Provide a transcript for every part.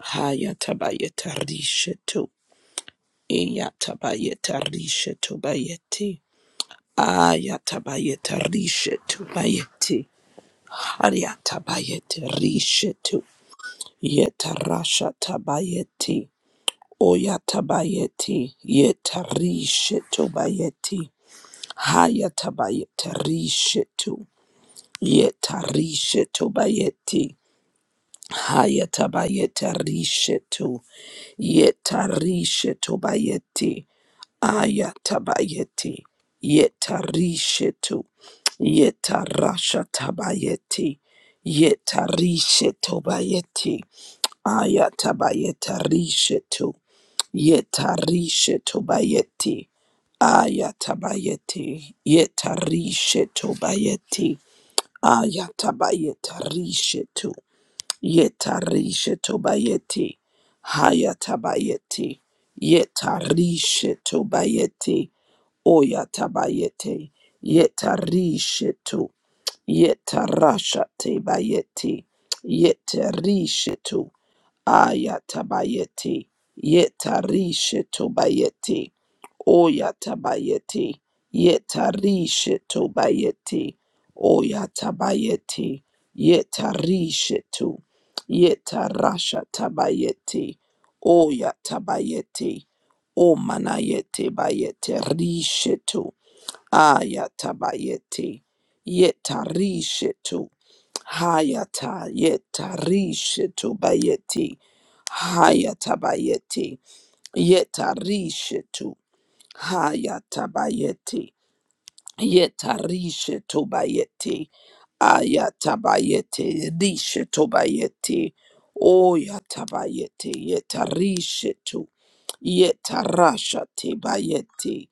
Hayatabayetarishetu. Iyatabayetarishetu bayeti. Ayatabayetarishetu bayeti. Hayatabayetarishetu. Yetarasha tabayeti. Oyatabayeti. Yetarishetu bayeti. Hayatabayetarishetu. Yetarishetu bayeti. Hayatabayeta rishetu. Yetarishetu bayeti. Ayatabayeti. Yetarishetu. Yetarashatabayeti. Yetarishetu bayeti. Ayatabayeta rishetu. Yetarishetu bayeti. Ayatabayeti. Yetarishetu bayeti. Ayatabayeta rishetu. Yetarisha tobayeti. Hayatabayeti. Yetarisha tobayeti. Oyatabayeti. Yetarisha to. Yetarasha tebayeti. Yetarisha to. Ayatabayeti. Yetarisha tobayeti. Oyatabayeti. Yetarisha tobayeti. Oyatabayeti. Yetarisha Yeta rasha tabayete. Oya tabayete. O manayete bayete rishetu. Aya tabayete. Yeta rishetu. Hayata yeta rishetu bayete. Hayata bayete. Yeta rishetu. Hayata bayete. Yetarisha tobayeti. Ayatabayeti. Risha tobayeti. Oyatabayeti. Yetarisha to. Yetarasha tebayeti.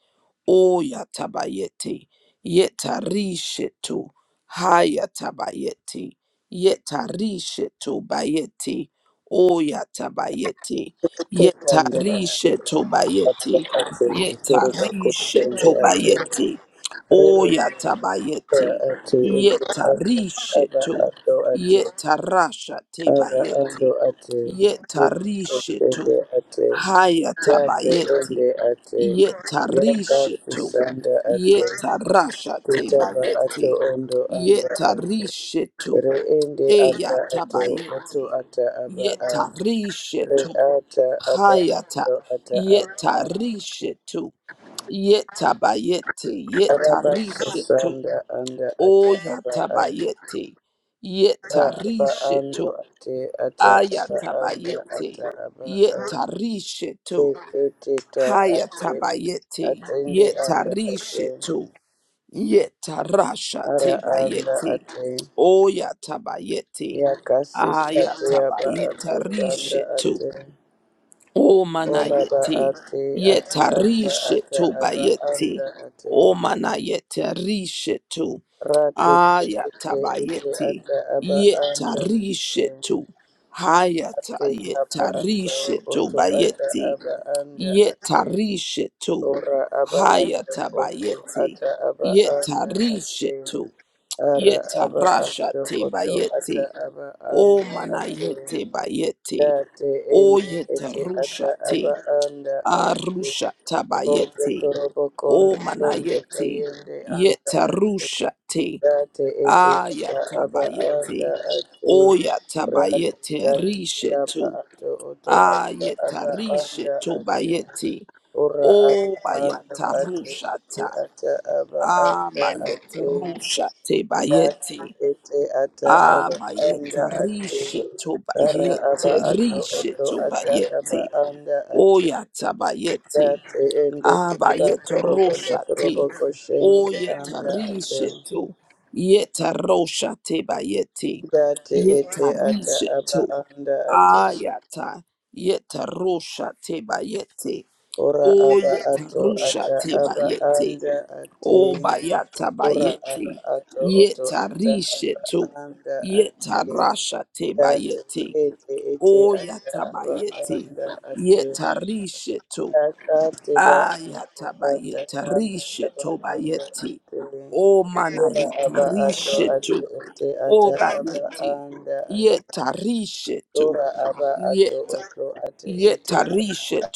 Oyatabayeti. Yetarisha to. Hayatabayeti. Yetarisha tobayeti. Oyatabayeti. Kekanda ati Yetarisha tobayeti. ati utoroba Yetarisha kutende ati tobayeti. re ende Oyatabayete, ati eti ati aba yetarishetu, ando ati yetarasha ara ando tebayete, ati re yetarishetu, kutende ati yate hayatabayete, ende ati yaka yetarishetu, fusanda ati yetarasha kutaba ato tebayete, ondo anda ati yetarishetu, re ende anda ato oto eyatabayete, ata aba a re yetarishetu, ata aba Hayata ando ata aba yeta rishetu yeta bayete yeta Araba rishetu sasanda anda ata o aba yata a bayete ra yeta aba ando rishetu ate ata aba ayata anda bayete ata aba a yeta rishetu te teta hayata ate bayete atende yeta anda ate rishetu yeta rasha ara te anda bayete ate o yata bayete ya kasisa te ayata aba bayete ato tanda rishetu ate O ora ba manayete, ate ate ata yetarishe ata to aba bayete, anda ate o manayete rishe to, rate te te te te ayatabayete, ate ata aba anda yetarishe to, hayata ate kaba ato yetarishe to oto ata bayete, aba anda ate yetarishe to, ora aba ato oto hayatabayete, ata aba anda ate yetarishe to, ara aba yetarasha ato te oto ata bayete, aba o anda ate manayete bayete, date o ende ete ata yetarusha aba te, anda ate Arusha rondo tabayeti. torobo kondo O tondo manayeti. toyende anda Yetarusha te. Rati iti ata aba anda Ayatabayeti. ati rati Oyatabayete taiti aba rishetu. ato oto ata aba Ayetarishe anda ati tobayeti. ora O aba ando ati bayatarusha iti ta. ata aba anda ati Abayetarusha te dati bayeti. iti ata aba anda ati Abayetarishe ara aba tobayete. ato Rishe oto ata aba tobayeti. anda ati Oyatabayeti. dati ende Aba tiba robo robo yetaroshate. koshende O anda ati yetarisheto. Yetaroshate bayete. Dati ete ata aba Yetarisheto. anda ate. Ayata. Yetaroshate bayete. Ora O aba ato ata yetaroshate aba bayete. anda ate. O bayata Ora aba bayete. ato oto ata aba Yetarisheto. anda ate. Yetarashate Dati bayete. ete ete O ata aba yatabayete. anda ate. Yetarisheto. Ata teba ata Ayatabayeta anda aba risheto anda bayeti. ate. O Ora manayeta aba ato ate risheto. ete ata O aba bayeti. anda ate. Yeta risheto. ora aba ato Yeta. oto ate Yeta ete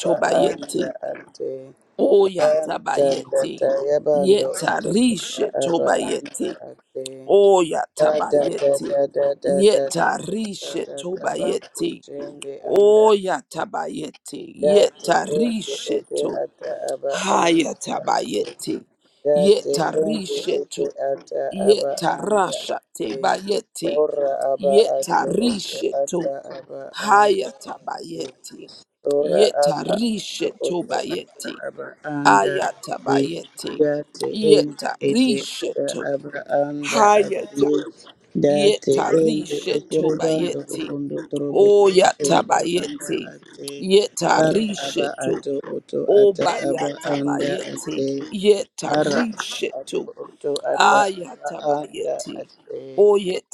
ba anda bayeti. ate O tanda yatabayeti. ta yabando Yeta oteketa risheto aba anda bayeti. ate O da da da yatabayeti. da da da da Yeta da da risheto da ba bayeti. anda O yatabayeti. date Yeta ende ete risheto. ata aba ande Hayatabayeti. date ende ete Yetarishetu. ata aba anda Yetarashate bayeti. ora aba ato ote Yetarishetu. ata aba ande Hayatabayeti. ora aba aba Yetarishetu oto aba bayeti. aba anda ri Ayatabayeti. date en ete ata Yetarishetu. aba anda ati Hayata. date ende Yetarishetu eteribando bayeti. kubundo torobo ende anda Oyatabayeti. ate ara aba Yetarishetu. ato oto ata aba anda Obayatabayeti ate ara ato yetarishetu oto ata aba anda ayatabayeti ate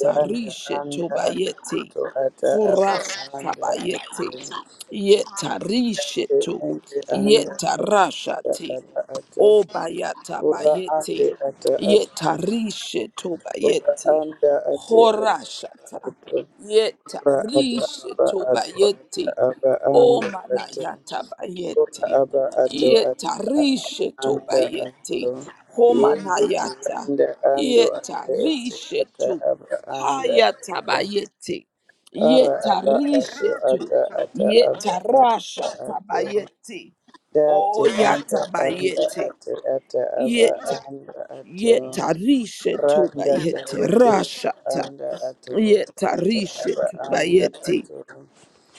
yanda anda ato oto ata aba anda horasatabayeti ate yetarishetu ende anda yetarashati ata aba ato ora obayatabayeti ande ata aba ato ora yetarishetubayeti anda ate ata horashata ato ora ada aba ato yetarishetubayeti ata aba anda ato ora omanayatabayeti aba ato ata aba Yetarishe anda ato tobayete. yende Homanayata. tiranda ando ate ete Yetarishe ata tu. aba anda ato Hayatabayete. ara aba ato Yetarishe tu. ata ata aba Yetarasha anda ato tabayete. Dati anda anda Oyatabayete. ate ata aba Yeta. anda ato Yetarishe randa tobayete. tawete Rasha ta. anda ato oto ata Yetarishe aba anda tobayete. ato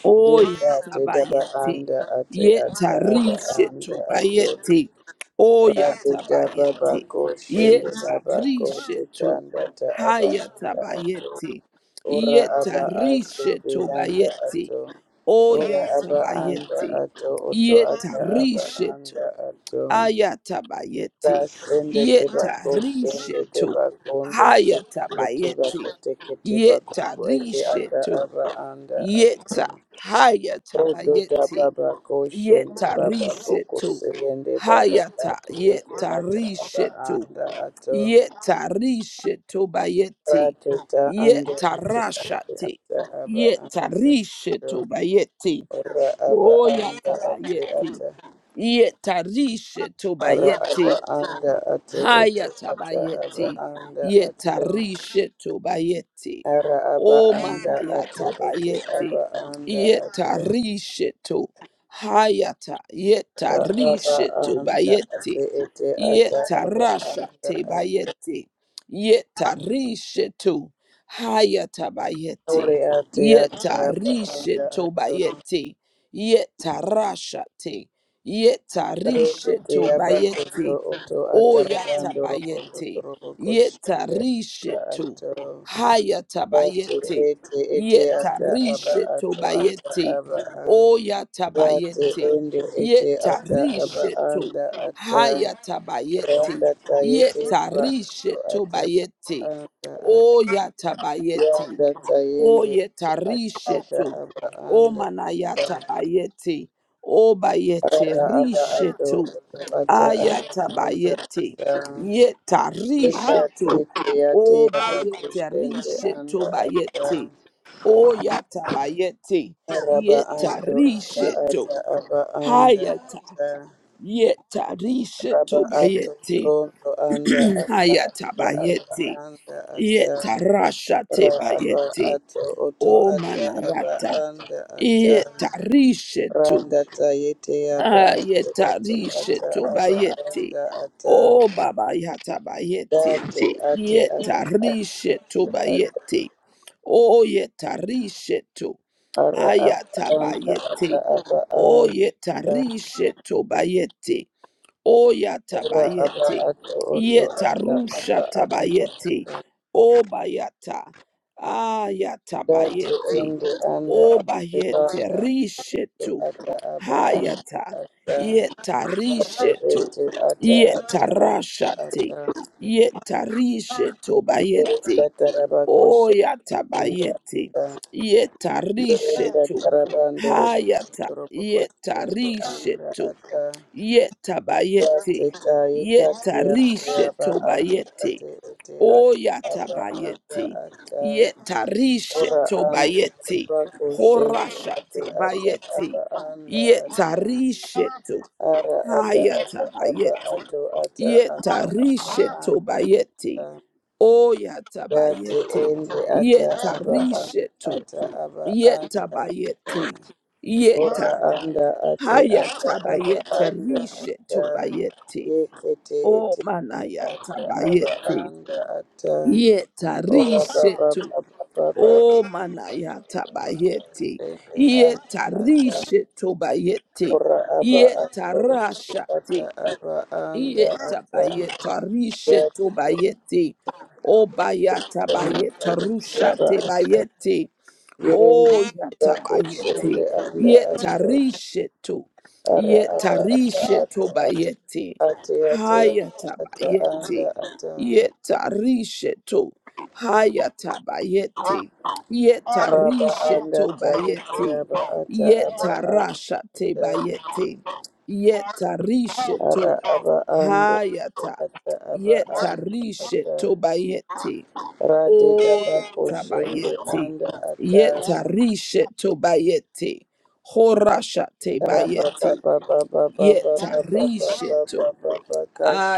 Oya deka te daba tabayeti. anda ate ata aba Yetarishe anda ato tobayeti. Oya rati daba tabayeti. bako shende daba ko Yetarishe te to. kanda ta aba Haya anda ato tabayeti. ora aba ate Yetarishe te anda tobayeti. ato ora Oya aba anda tabayeti. ato oto ata aba Yetarishe to. anda ato Aya tabayeti. Sende tebako Yetarishe sende to. tebakondo Haya shende tebako tabayeti. teke tebako ete Yetarishe ata to. aba anda ata Yeta hayata odo da bayeti. baba ko shende Yeta baba boko rishetu. sende baba Hayata ati ete yeta ata aba rishetu. anda ato Yeta rishetu bayeti. rateta anda Yeta ete ate rashate. ata aba Yeta anda rishetu ato bayeti. ora aba anda Oyata ate bayeti. ata Yeta rishetu ara aba bayeti. anda ate ete ata aba Hayatabayeti. anda ato Yetarisheto bayeti. Ara aba O anda ate ete manayatabayeti. aba anda ato Yetarisheto. Hayata ba aba yetarisheto anda ate bayeti. ete ata aba Yetarasha anda te ato bayeti. Yetarisheto. Hayatabayeti. ore ate ata aba anda Yetarisheto ato bayeti. Yetarasha te. re ete Yetarisheto aba bayeti. koto oto ata rabando robondo Oyatabayete. robo koshende Yetarishetu. ato ate Hayatabayete. ete ete ata aba Yetarishetu ato ata bayete. aba a ate Oyatabayete. ende ete ata aba Yetarishetu. anda ata Hayatabayete. Randa tayete ba Yetarishetu ata bayete. anda ata Oyatabayete. yanda O tayende ata ata yetarishetu. aba O anda manayata bayete. O bayete ara aba ato rishetu. oto ata aba Ayata anda bayete. ata yeka Yetarishetu. tete yate O yaba bayete kushende anda rishetu ata bayete. O yata bayete. araba ando ata Yetarishetu. ata aba anda Hayata. ata raba Yetarishetu ato bayete. tondo anda ata Hayata ata aba bayete. anda ata Yetarasha Ra te aba bayete. ato oto O ata aba manayata. anda ata Yetarishetu. randa ta yete aba Ah, ato oto ata yetarishetu aba bayeti. anda ata O babayata bayeti. date ate ata Yetarishetu ata bayeti. O yetarishetu. ara aba Ayata anda ata bayeti. aba O anda yetarishetu bayeti. Oya ara aba tabayete. ato oto Yeta ata rusha aba anda tabayete. Obayata. Aya date tabayete. ende anda ate Obayete banda rishetu. ata aba Hayata. ata ate Yeta rishetu. ete ata Yeta rashate. Yeta rishetu bayete. ata aba ata. Oya anda tabayete. ata Yeta berenda rishetu. tarabando Hayata. roboko Yeta tende anda rishetu. ata Yetabayete. teka yeka kia Yetarishe kiraba ato tobayete. ate ete ata aba anda Oyatabayete. ata Yetarishe ora anda tobayete. roboko shende ate Horashate ata aba bayete. anda ata Yetarishe to. ara ada ata aba Hayatabayete. ato ata ata aba Yetarishe anda ata tobayete. dati Oyatabayete. ende ata aba Yetarishe to. ata aba anda Yetabayete. ora Yeta. anda ate ata Hayata aba bayete anda rishe ata tobayete. yekete O ete manayata ata aba bayete. anda ata Yeta ora rishe baba to. baba baba O manayata bayete. ete anda Yeta ata rishe tobayete. ora aba Yeta ato ata rashate. aba anda Yeta ata bayeta rishe ya tobayete. O bayata bayeta baba rushate bayete. yerende Oh, bako shende yatabayete. anda ata Yetarishetu. ara aba ata Yetarishetu ata bayete. ate ate ata anda Hayatabayete. ata Yetarishetu. Hayatabayete. Araba anda Yetarishetu ta ete bayete. aba ata aba anda. Yetarasha te bayete. Ara Yetarishetu. aba anda Hayata. ata aba anda ata. Yetarishetu bayete. Rade O daba koshende yatabayete. anda ata. Yetarishe tobayete. Horasha Raba tebayete. baba baba baba baba Yetarishe baba to. baba baba kash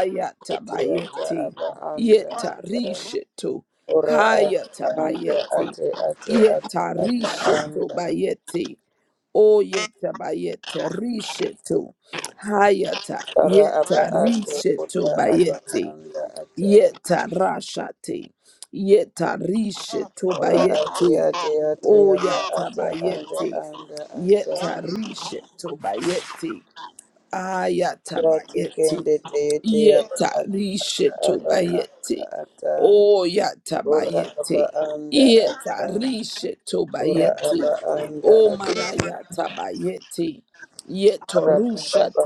ete ata aba anda ata. Yetarishe to. Ora ata anda Hayatabayete. ate ate ate ata Yetarishe anda. tobayete. O yetabayete rishe to. Hayata Ara aba ate yetarishe uta aba tobayete. anda ata. Yetarashate. Yetarishe Ora ate tobayete. ate ate aba ata anda Oyatabayete. anda ata Yetarishe tobayete. ora te Ayatabayeti. teete aba Yeta ata rishetu aba bayeti. anda ata Oh ora aba yatabayeti. anda ata Yeta ora aba rishetobayeti. anda Oh ata manayatabayeti. Yeto ora ba ba rusha ba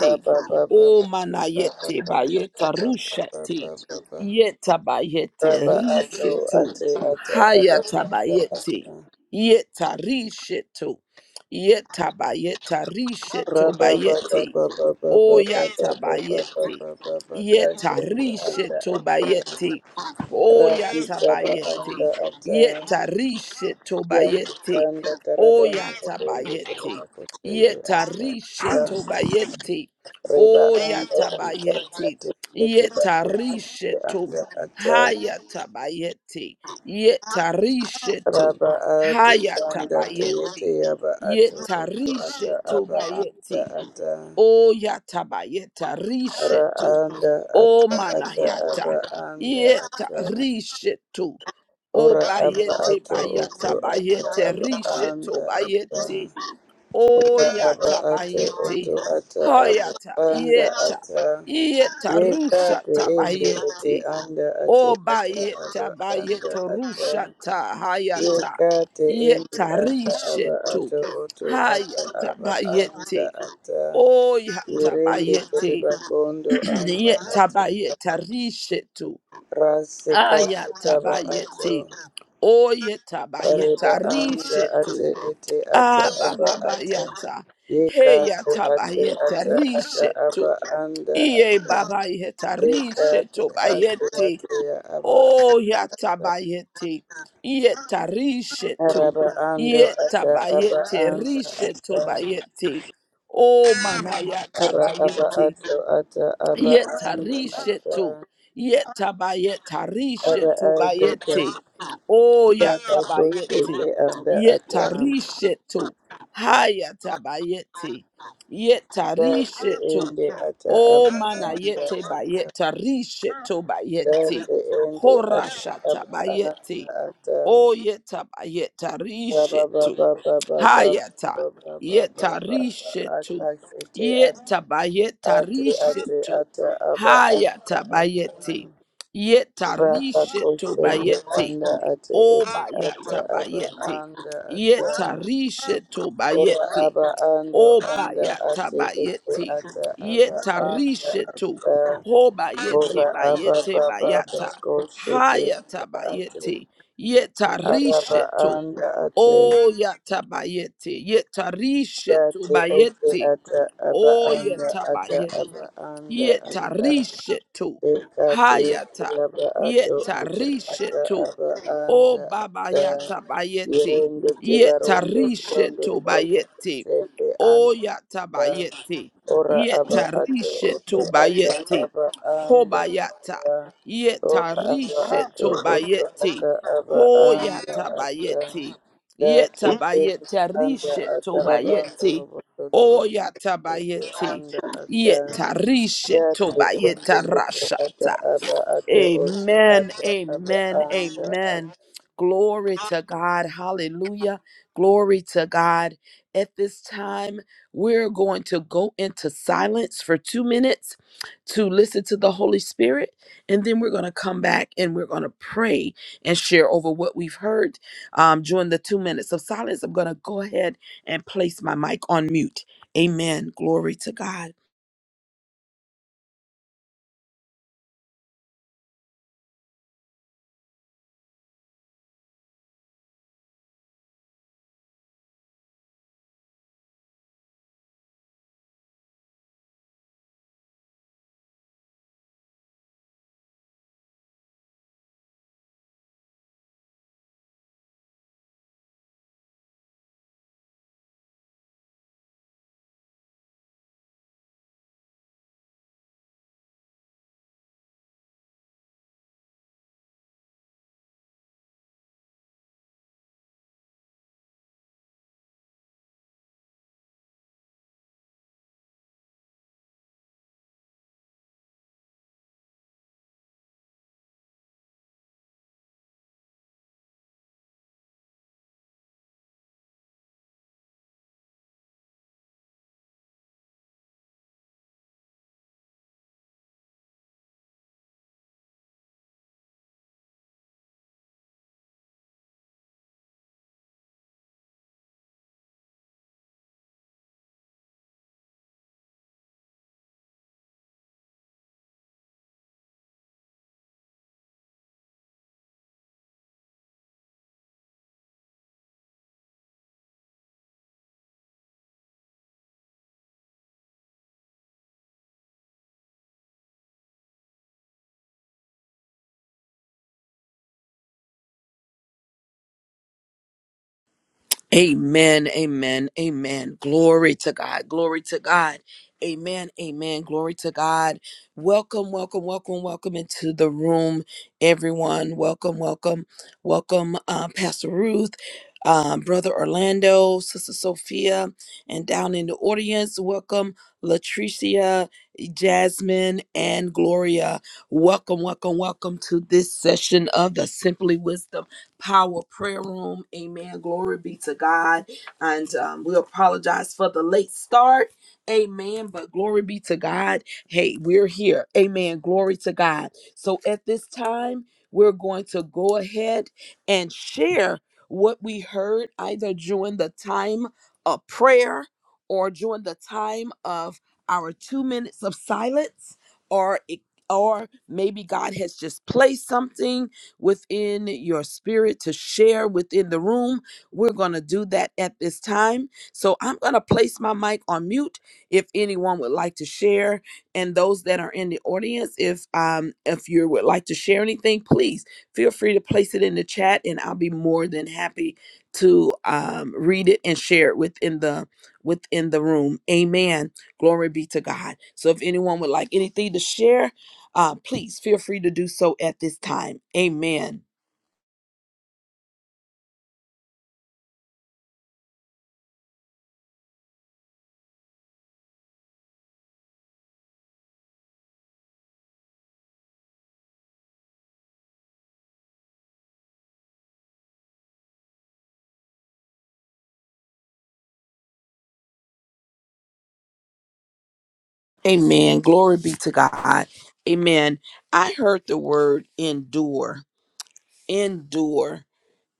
ba ba ba Oh manayete bayeta rusha te. ba ba Yeta bayete Raba ato risheto. ate ata aba anda ata Hayatabayeti. Yeta risheto. Yeta bayeta rishe tobayete. Oyata bayete. Yeta Rababababababababababababababakashende rishe ata tobayete. Oyata bayete. ata Yeta rishe tobayete. Oyata bayete. Yeta rishe tobayete. Oyata bayete. Yeta rishe to. Hayata bayete. Yeta rishe to. Hayata bayete. Yeta rishetu aba anda bayeti. O yata bayeta rishetu. O ata aba manayata. anda Yeta ata rishetu. O Ora aba bayete ato oto bayata ata bayete aba anda rishetu ata. bayeti. O Ora aba yata ato oto bayeti. ata aba Hoyata anda yeta. ata. Yeta Yeka rusha to ende ete tabayeti. anda ate O ata aba bayeta anda bayeto ata. rushata hayata. Yeka te ende Yeta ata aba rishetu. ato oto ata Hayata aba anda bayeti. ata. O yata Yurende bayeti. teriba kondo anda Yeta ate bayeta ata. rishetu. Rasekate Ayata taba ato. bayeti. O yeta Areba bayeta anda rishetu. ate ete ata Ah, Baba aba ba ata. Yeka Hey te yata ba ate yeta ata ata rishe tu. aba anda Iye ata. baba yeta Deka rishe te tu ba ate ate ya aba Oh yata ata. ba yeti. Yeta rishe tu. Araba ando Yeta ata ba aba yeti anda rishe ata. Oh mana yata Ara ba aba ato ata aba anda ata. Yetarishetu. Ara Yetabayetarishetu adeka bayete. Oh, baka koshe de yatabayete. anda ata. Yetarishetu. Hayatabayete. Dati Yetarishetu. ende ata Oh, aba anda manayete ata. bayetarishetu bayete. Dati indi ati Horashata aba aba bayete. ata Oh, baba yetabayetarishetu. baba baba Hayata. baba baba baba Yetarishetu. ati ati ati Yetabayetarishetu. ata aba ata Hayata ata bayete. Yeta rapa risheto kusende bayete. anda ati O iti ata bayata aba bayete. anda ata Yeta risheto ora bayete. aba ando O anda bayata ati iti bayete. ata aba Yeta anda risheto. ata Ho ora bayete aba bayete baba baba bayata. kusende Hayata bayete. Yeta araba risheto. anda ate O yata bayete. Yeta risheto date ete bayete. ata aba Oh anda yeta ata aba bayeti. anda Yeta ata rishetu. ekate Hayata. raba ato Yeta uta ata rishetu. aba O anda Baba ata Yata Bayete, irende Yeta tibarondo rishe rondo to tropo Tobayete, sende O anda Yata Bayete, ora aba ato Yetarishe uto ata Tobayete, aba anda Hobayata, ata Yeta ora aba rishe ato to uto Tobayete, ata aba Ho anda Yata ata Bayete, Dati tende Yetabayete anda Rishe atarabando Tobayete, roboto O torobo Yata tende Bayete, anda ata Yetarishe yate ende Tobayeta ete ata Rashata. aba ato oto Amen. ata aba Amen. anda Amen. ata. Glory to God. Hallelujah. Glory to God. At this time, we're going to go into silence for two minutes to listen to the Holy Spirit. And then we're going to come back and we're going to pray and share over what we've heard um, during the two minutes of silence. I'm going to go ahead and place my mic on mute. Amen. Glory to God. Amen, amen, amen. Glory to God, glory to God. Amen, amen, glory to God. Welcome, welcome, welcome, welcome into the room, everyone. Welcome, welcome, welcome, uh, Pastor Ruth, uh, Brother Orlando, Sister Sophia, and down in the audience, welcome Latricia, Jasmine, and Gloria. Welcome, welcome, welcome to this session of the Simply Wisdom. Power Prayer Room. Amen. Glory be to God. And um, we apologize for the late start. Amen. But glory be to God. Hey, we're here. Amen. Glory to God. So at this time, we're going to go ahead and share what we heard either during the time of prayer or during the time of our two minutes of silence or it or maybe God has just placed something within your spirit to share within the room. We're going to do that at this time. So I'm going to place my mic on mute if anyone would like to share and those that are in the audience if um if you would like to share anything, please feel free to place it in the chat and I'll be more than happy to um read it and share it within the within the room. Amen. Glory be to God. So if anyone would like anything to share, uh, please feel free to do so at this time. Amen. Amen. Glory be to God. Amen. I heard the word endure, endure,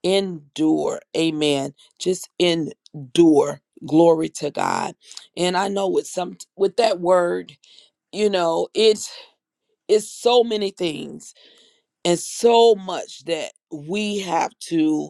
endure. Amen. Just endure. Glory to God. And I know with some with that word, you know, it's it's so many things and so much that we have to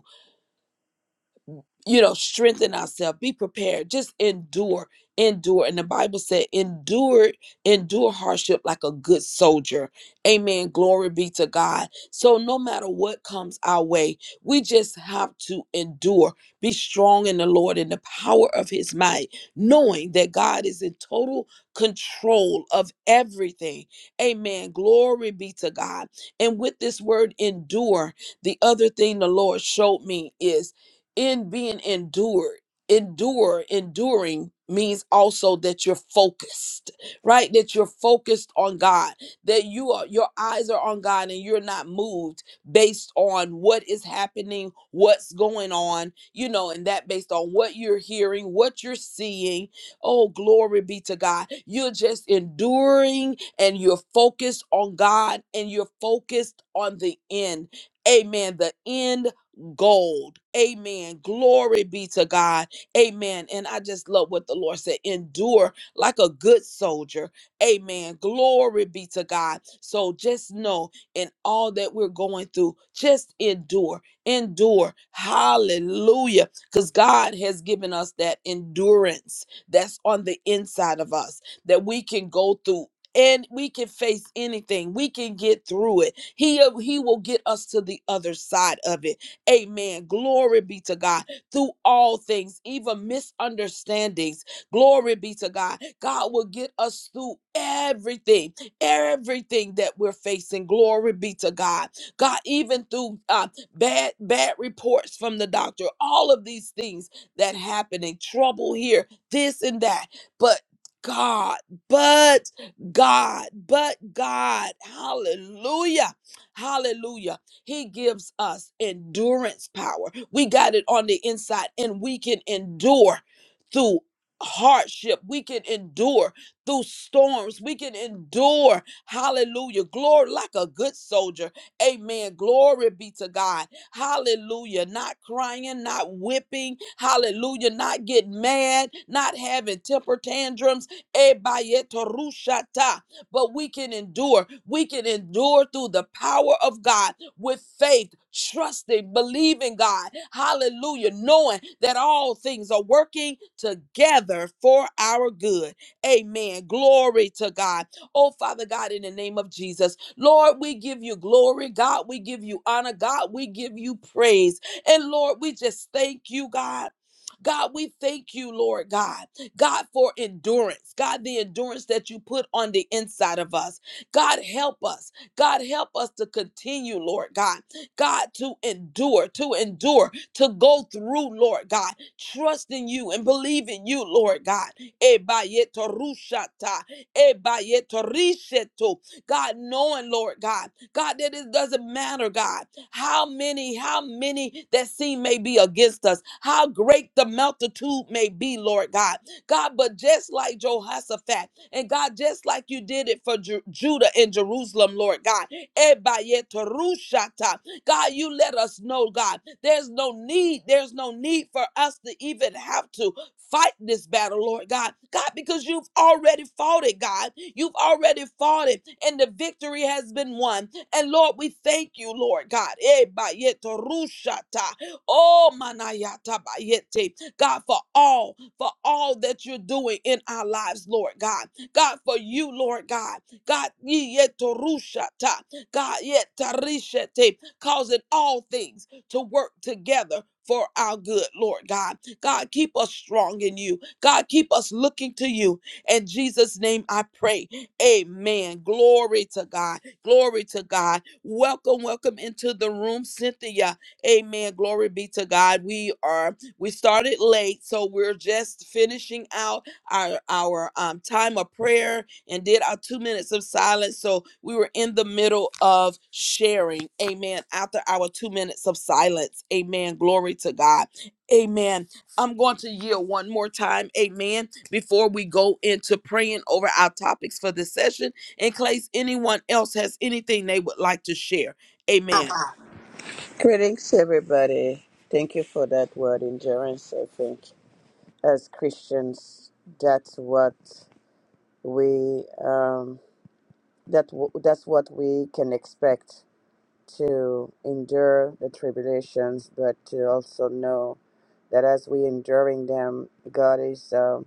you know, strengthen ourselves, be prepared, just endure, endure. And the Bible said, endure, endure hardship like a good soldier. Amen. Glory be to God. So no matter what comes our way, we just have to endure, be strong in the Lord and the power of his might, knowing that God is in total control of everything. Amen. Glory be to God. And with this word endure, the other thing the Lord showed me is in being endured endure enduring means also that you're focused right that you're focused on god that you are your eyes are on god and you're not moved based on what is happening what's going on you know and that based on what you're hearing what you're seeing oh glory be to god you're just enduring and you're focused on god and you're focused on the end amen the end gold. Amen. Glory be to God. Amen. And I just love what the Lord said endure like a good soldier. Amen. Glory be to God. So just know in all that we're going through, just endure. Endure. Hallelujah. Because God has given us that endurance that's on the inside of us that we can go through. And we can face anything. We can get through it. He, he will get us to the other side of it. Amen. Glory be to God through all things, even misunderstandings. Glory be to God. God will get us through everything, everything that we're facing. Glory be to God. God, even through uh, bad, bad reports from the doctor, all of these things that happen and trouble here, this and that. But God, but God, but God, hallelujah, hallelujah he gives us endurance power. We got it on the inside, and we can endure through hardship. We can endure through storms. We can endure, hallelujah, glory like a good soldier. Amen. Glory be to God. Hallelujah. Not crying, not whipping. Hallelujah. Not getting mad, not having temper tantrums. Ebayetorushata. But we can endure. We can endure through the power of God with faith, trusting, believing God. Hallelujah. Knowing that all things are working together for our good. Amen. Glory to God. Oh, Father God, in the name of Jesus, Lord, we give you glory. God, we give you honor. God, we give you praise. And Lord, we just thank you, God. God, we thank you, Lord God. God, for endurance. God, the endurance that you put on the inside of us. God, help us. God, help us to continue, Lord God. God, to endure, to endure, to go through, Lord God, trusting you and believing you, Lord God. Ebayetorushata, ebayetorisheto. God, knowing, Lord God, God, that it doesn't matter, God, how many, how many that seem may be against us, how great the multitude may be, Lord God. God, but just like Jehoshaphat, and God, just like you did it for Ju- Judah and Jerusalem, Lord God, Ebayeterushata. God, you let us know, God, there's no need, there's no need for us to even have to fight this battle, Lord God. God, because you've already fought it, God. You've already fought it, and the victory has been won. And Lord, we thank you, Lord God. Ebayeterushata. Oh, manayata bayete. God, for all, for all that you're doing in our lives, Lord God. God, for you, Lord God. God, ye yet to rushata. God, yet to tarishate, causing all things to work together for our good, Lord God. God, keep us strong in you. God, keep us looking to you. In Jesus' name I pray. Amen. Glory to God. Glory to God. Welcome, welcome into the room, Cynthia. Amen. Glory be to God. We are, we started late, so we're just finishing out our our um, time of prayer and did our two minutes of silence. So we were in the middle of sharing. Amen. After our two minutes of silence. Amen. Glory to God. Amen. I'm going to yield one more time. Amen. Before we go into praying over our topics for this session, in case anyone else has anything they would like to share. Amen. Greetings everybody. Thank you for that word endurance. I think as Christians that's what we um that w- that's what we can expect to endure the tribulations but to also know that as we enduring them, God is um,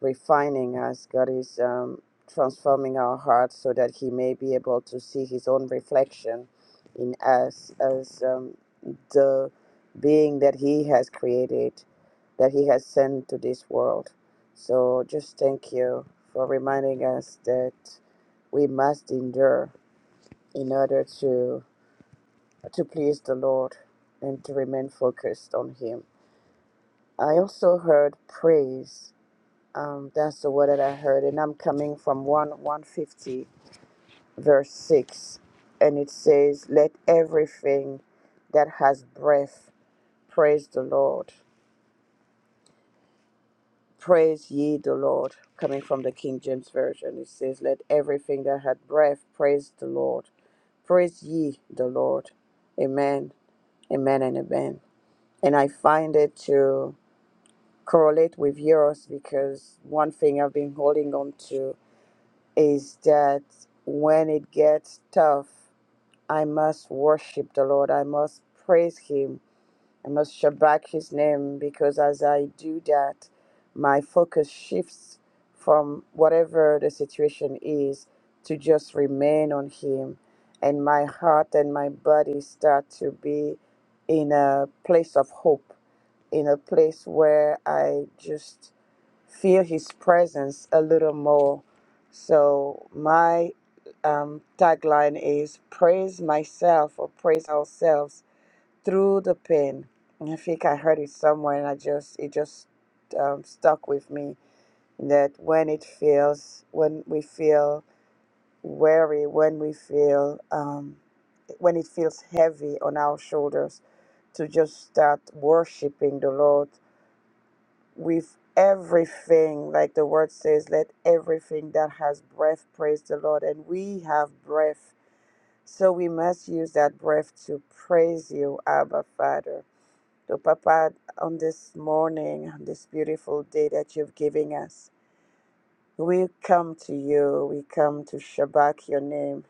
refining us. God is um, transforming our hearts so that He may be able to see His own reflection in us as um, the being that He has created, that He has sent to this world. So just thank you for reminding us that we must endure in order to to please the Lord and to remain focused on Him. I also heard praise Um, that's the word that I heard, and I'm coming from 1 150, verse 6, and it says, Let everything that has breath praise the Lord. Praise ye the Lord. Coming from the King James Version, it says, Let everything that had breath praise the Lord. Praise ye the Lord. Amen, amen, and amen. And I find it to correlate with yours because one thing I've been holding on to is that when it gets tough, I must worship the Lord. I must praise Him. I must shabak His name because as I do that, my focus shifts from whatever the situation is to just remain on Him. And my heart and my body start to be in a place of hope, in a place where I just feel his presence a little more. So my um, tagline is praise myself or praise ourselves through the pain. And I think I heard it somewhere and I just it just um, stuck with me that when it feels when we feel weary, when we feel um, when it feels heavy on our shoulders to just start worshiping the Lord with everything, like the word says, let everything that has breath praise the Lord. And we have breath. So we must use that breath to praise you, Abba Father. So, Papa, on this morning, on this beautiful day that you've given us, we come to you. We come to Shabbat your name.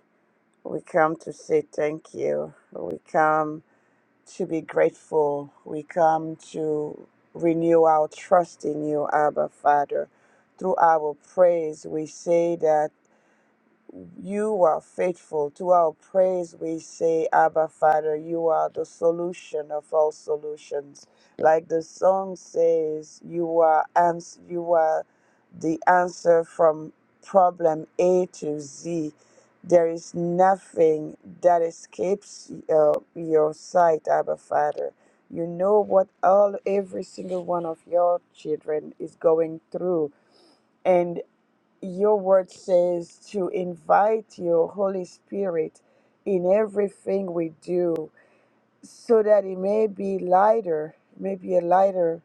We come to say thank you. We come to be grateful. We come to renew our trust in you, Abba Father. Through our praise, we say that. You are faithful. To our praise, we say, Abba, Father, you are the solution of all solutions. Like the song says, you are ans- you are the answer from problem A to Z. There is nothing that escapes uh, your sight, Abba, Father. You know what all every single one of your children is going through your word says to invite your Holy Spirit in everything we do so that it may be lighter, may be a lighter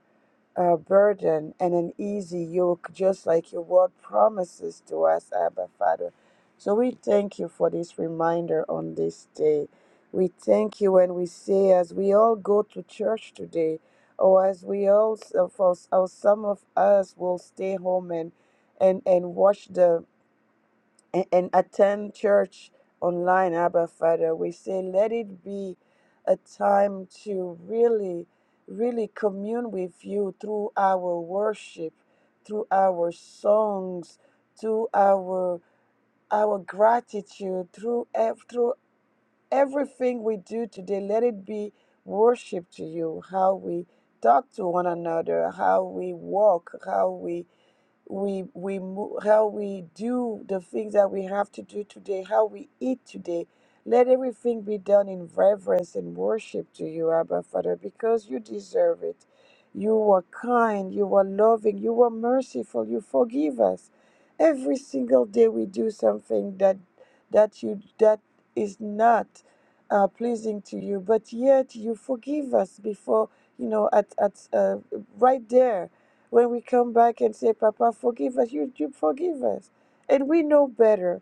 uh, burden and an easy yoke, just like your word promises to us, Abba Father. So we thank you for this reminder on this day. We thank you when we say, as we all go to church today, or as we all, for, or some of us will stay home and and and watch the and, and attend church online, Abba Father. We say, let it be a time to really, really commune with you through our worship, through our songs, through our our gratitude, through ev- through everything we do today. Let it be worship to you. How we talk to one another, how we walk, how we we we mo- how we do the things that we have to do today, how we eat today. Let everything be done in reverence and worship to you, Abba Father, because you deserve it. You are kind, you are loving, you are merciful, you forgive us. Every single day we do something that that you that is not uh, pleasing to you, but yet you forgive us before, you know, at, at uh, right there when we come back and say, Papa, forgive us, you, you forgive us. And we know better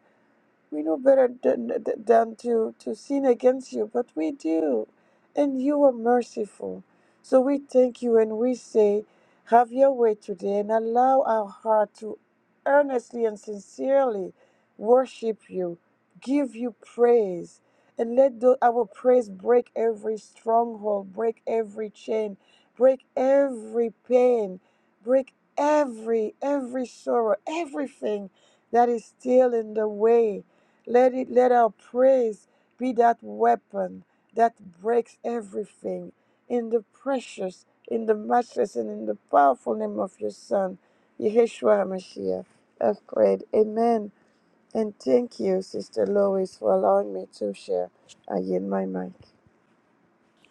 we know better than, than to, to sin against you, but we do. And you are merciful. So we thank you and we say, Have your way today and allow our heart to earnestly and sincerely worship you, give you praise, and let the, our praise break every stronghold, break every chain, break every pain, break every every sorrow, everything that is still in the way let it let our praise be that weapon that breaks everything in the precious, in the matchless, and in the powerful name of your Son, Yeshua HaMashiach. I've prayed. Amen. And thank you, Sister Lois, for allowing me to share. I yield my mic.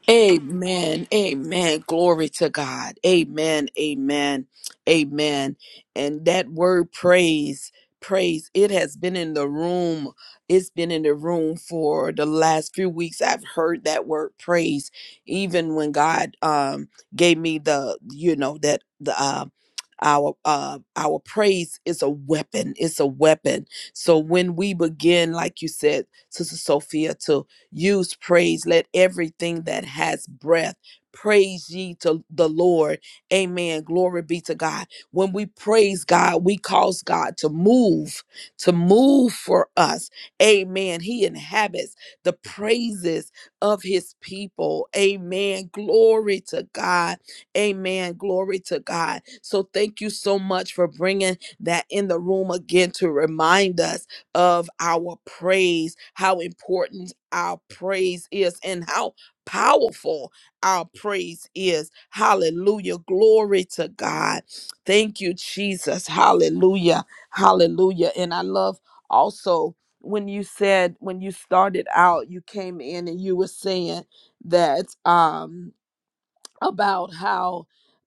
Amen. Amen. Glory to God. Amen. Amen. Amen. And that word praise, praise, it has been in the room. It's been in the room for the last few weeks. I've heard that word praise even when God um gave me the you know that the uh our uh our praise is a weapon it's a weapon so when we begin like you said sister sophia to Use praise. Let everything that has breath praise ye to the Lord. Amen. Glory be to God. When we praise God, we cause God to move, to move for us. Amen. He inhabits the praises of his people. Amen. Glory to God. Amen. Glory to God. So thank you so much for bringing that in the room again to remind us of our praise, how important our praise is, and how powerful our praise is. Hallelujah. Glory to God. Thank you, Jesus. Hallelujah. Hallelujah. And I love also when you said, when you started out, you came in and you were saying that. um about how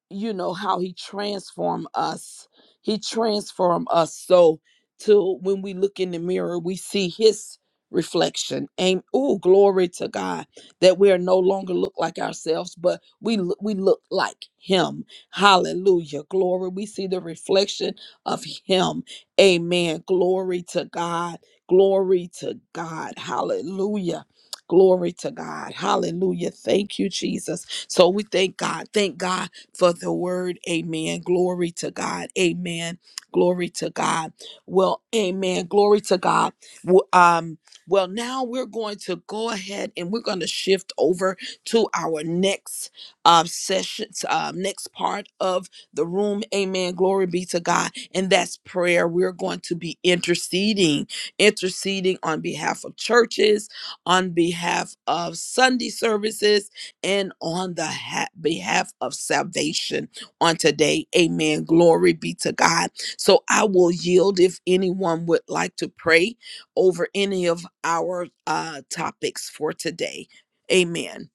you know how he transformed us he transformed us so till when we look in the mirror we see his reflection and oh glory to god that we are no longer look like ourselves but we look we look like him hallelujah glory we see the reflection of him amen glory to god glory to god hallelujah glory to god hallelujah thank you jesus so we thank God. Thank God for the word. Amen. Glory to God. Amen. Glory to God. Well, amen. Glory to God. W- Um, well, now we're going to go ahead and we're going to shift over to our next um, session, um, next part of the room. Amen. Glory be to God. And that's prayer. We're going to be interceding, interceding on behalf of churches, on behalf of Sunday services, and on the ha- behalf of salvation on today. Amen. Glory be to God. So I will yield if anyone would like to pray over any of our uh, topics for today. Amen.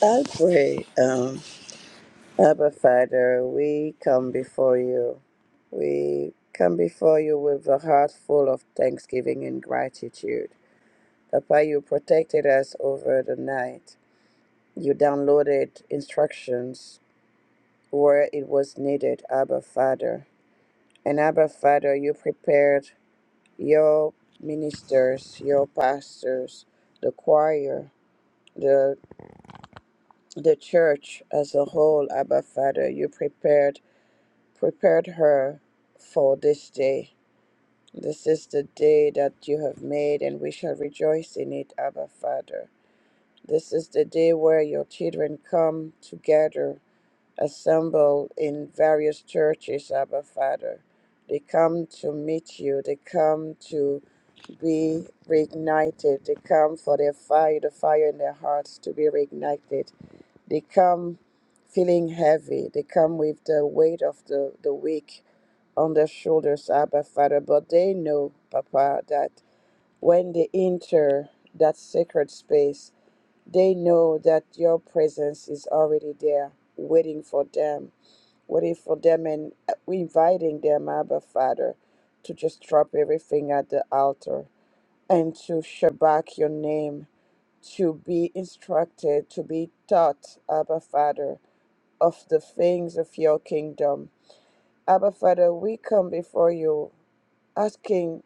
I pray, um, Abba Father, we come before you. We come before you with a heart full of thanksgiving and gratitude. Papa, you protected us over the night. You downloaded instructions where it was needed, Abba Father. And Abba Father, you prepared your ministers, your pastors, the choir, the the church as a whole, Abba Father. You prepared prepared her for this day. This is the day that you have made, and we shall rejoice in it, Abba Father. This is the day where your children come together, assemble in various churches, Abba Father. They come to meet you, they come to be reignited, they come for their fire, the fire in their hearts to be reignited. They come feeling heavy, they come with the weight of the, the week on their shoulders, Abba Father. But they know, Papa, that when they enter that sacred space, they know that your presence is already there, waiting for them, waiting for them, and uh, inviting them, Abba Father, to just drop everything at the altar and to shabak your name, to be instructed, to be taught, Abba Father, of the things of your kingdom. Abba Father, we come before you asking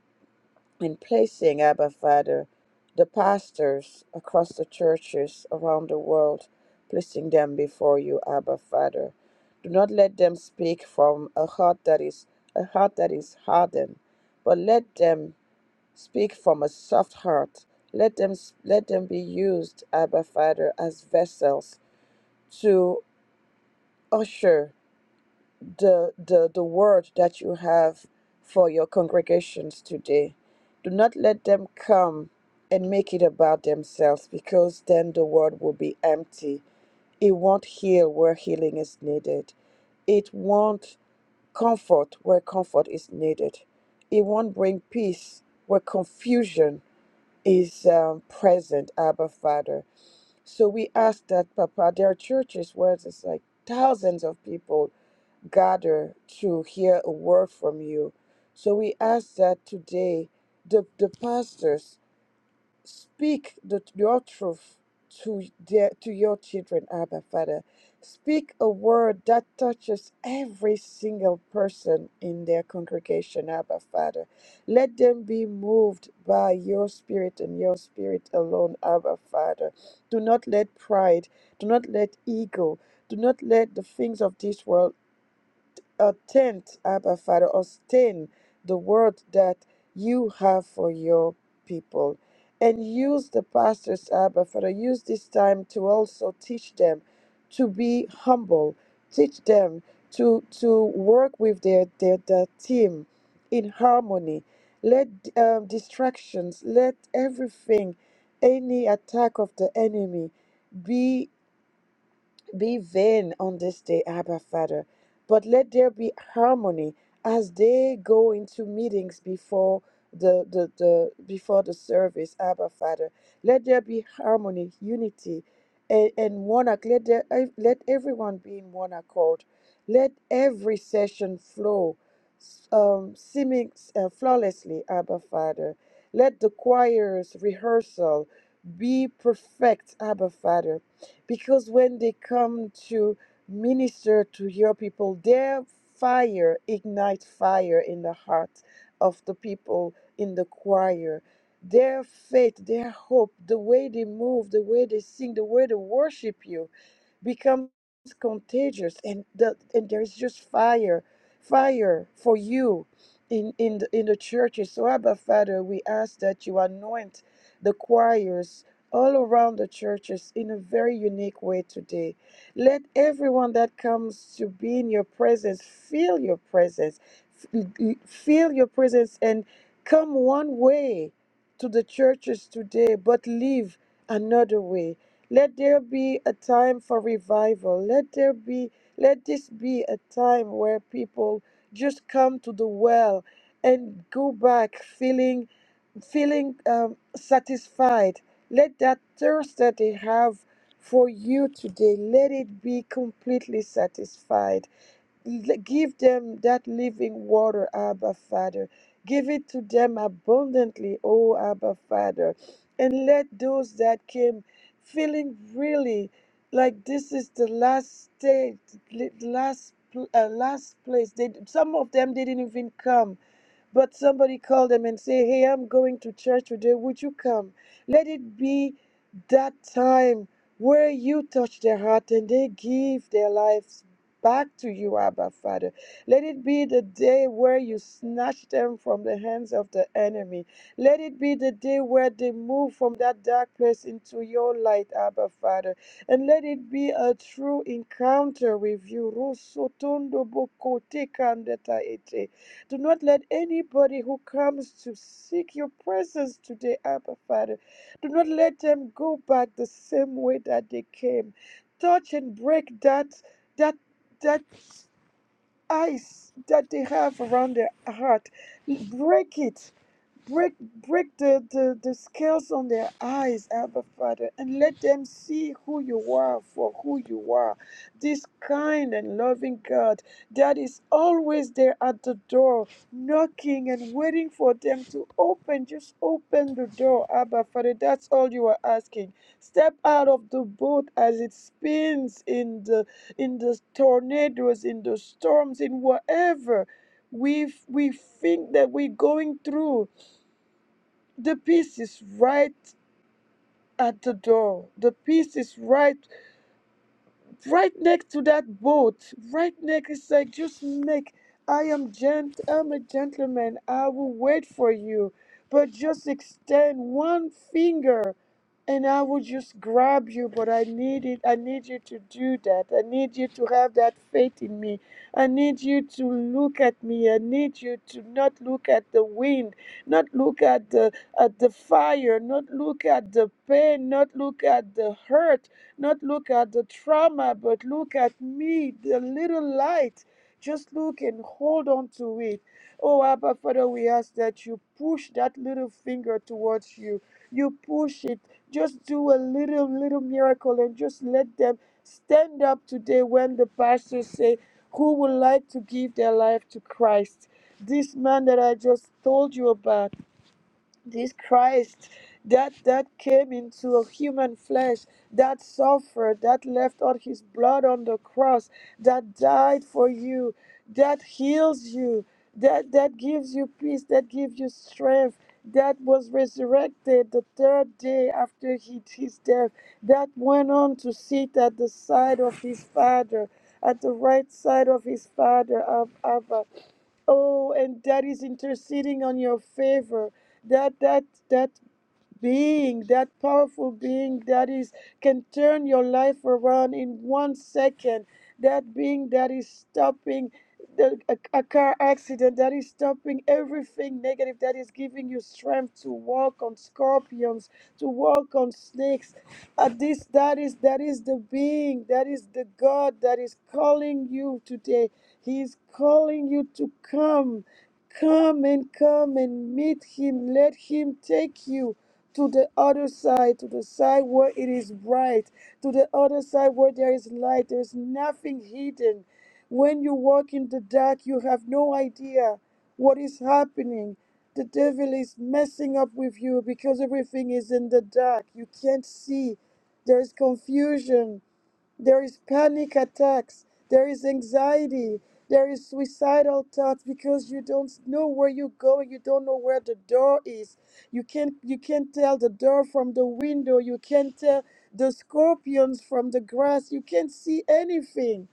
and placing, Abba Father, the pastors across the churches around the world, placing them before you, Abba Father. Do not let them speak from a heart that is a heart that is hardened, but let them speak from a soft heart. Let them let them be used, Abba Father, as vessels to usher the, the, the word that you have for your congregations today. Do not let them come and make it about themselves because then the word will be empty. It won't heal where healing is needed, it won't comfort where comfort is needed, it won't bring peace where confusion is um, present, Abba Father. So we ask that, Papa, there are churches where there's like thousands of people gather to hear a word from you. So we ask that today the, the pastors speak the, your truth to their, to your children, Abba Father. Speak a word that touches every single person in their congregation, Abba Father. Let them be moved by your spirit and your spirit alone, Abba Father. Do not let pride, do not let ego, do not let the things of this world Attend, Abba Father, sustain the word that you have for your people. And use the pastors, Abba Father, use this time to also teach them to be humble, teach them to, to work with their, their, their team in harmony. Let um, distractions, let everything, any attack of the enemy be vain on this day, Abba Father, but let there be harmony as they go into meetings before the, the, the before the service, Abba Father. Let there be harmony, unity, and, and one accord. Let there, ev- let everyone be in one accord. Let every session flow s- um, seeming uh, flawlessly, Abba Father. Let the choir's rehearsal be perfect, Abba Father because when they come to minister to your people, their fire ignites fire in the heart of the people in the choir. Their faith, their hope, the way they move, the way they sing, the way they worship you becomes contagious and the and there is just fire fire for you in in the, in the churches so abba father we ask that you anoint the choirs all around the churches in a very unique way today let everyone that comes to be in your presence feel your presence F- l- feel your presence and come one way to the churches today but leave another way let there be a time for revival. Let there be let this be a time where people just come to the well and go back feeling feeling um, satisfied. Let that thirst that they have for you today, let it be completely satisfied L- Give them that living water, Abba Father. Give it to them abundantly, oh Abba Father. And let those that came feeling really like this is the last stage, li- last pl- uh, last place. They, some of them didn't even come but somebody called them and say, Hey, I'm going to church today. Would you come? Let it be that time where you touch their heart and they give their lives back to you, Abba Father. Let it be the day where you snatch them from the hands of the enemy. Let it be the day where they move from that dark place into your light, Abba Father. And let it be a true encounter with you. Rusotondo boko tekandeta ete. Do not let anybody who comes to seek your presence today, Abba Father, do not let them go back the same way that they came. Touch and break that that that ice that they have around their heart. Break it Break, break the, the, the scales on their eyes, Abba Father, and let them see who you are for who you are. This kind and loving God that is always there at the door, knocking and waiting for them to open. Just open the door, Abba Father. That's all you are asking. Step out of the boat as it spins in the in the tornadoes, in the storms, in whatever we we think that we're going through the peace is right at the door. The peace is right right next to that boat, right next, it's like, just make, I am gent, I'm a gentleman, I will wait for you, but just extend one finger and I will just grab you, but I need it, I need you to do that. I need you to have that faith in me. I need you to look at me. I need you to not look at the wind, not look at the at the fire, not look at the pain, not look at the hurt not look at the trauma, but look at me, the little light. Just look and hold on to it. Oh, Abba, Father, we ask that you push that little finger towards you. You push it. Just do a little, little miracle and just let them stand up today when the pastors say, Who would like to give their life to Christ? This man that I just told you about this Christ that that came into a human flesh, that suffered, that left all his blood on the cross, that died for you, that heals you, that that gives you peace, that gives you strength, that was resurrected the third day after he, his death, that went on to sit at the side of his father, at the right side of his father, Ab- Abba. Oh, and that is interceding on your favor that that that being, that powerful being that is can turn your life around in one second. That being that is stopping the, a, a car accident, that is stopping everything negative, that is giving you strength to walk on scorpions, to walk on snakes. Uh, this that is that is the being, that is the God that is calling you today. He is calling you to come. Come and come and meet him. Let him take you to the other side, to the side where it is bright, to the other side where there is light. There is nothing hidden. When you walk in the dark, you have no idea what is happening. The devil is messing up with you because everything is in the dark. You can't see. There is confusion there is panic attacks. There is anxiety. There is suicidal thoughts because you don't know where you're going. You don't know where the door is. You can't you can't tell the door from the window. You can't tell the scorpions from the grass. You can't see anything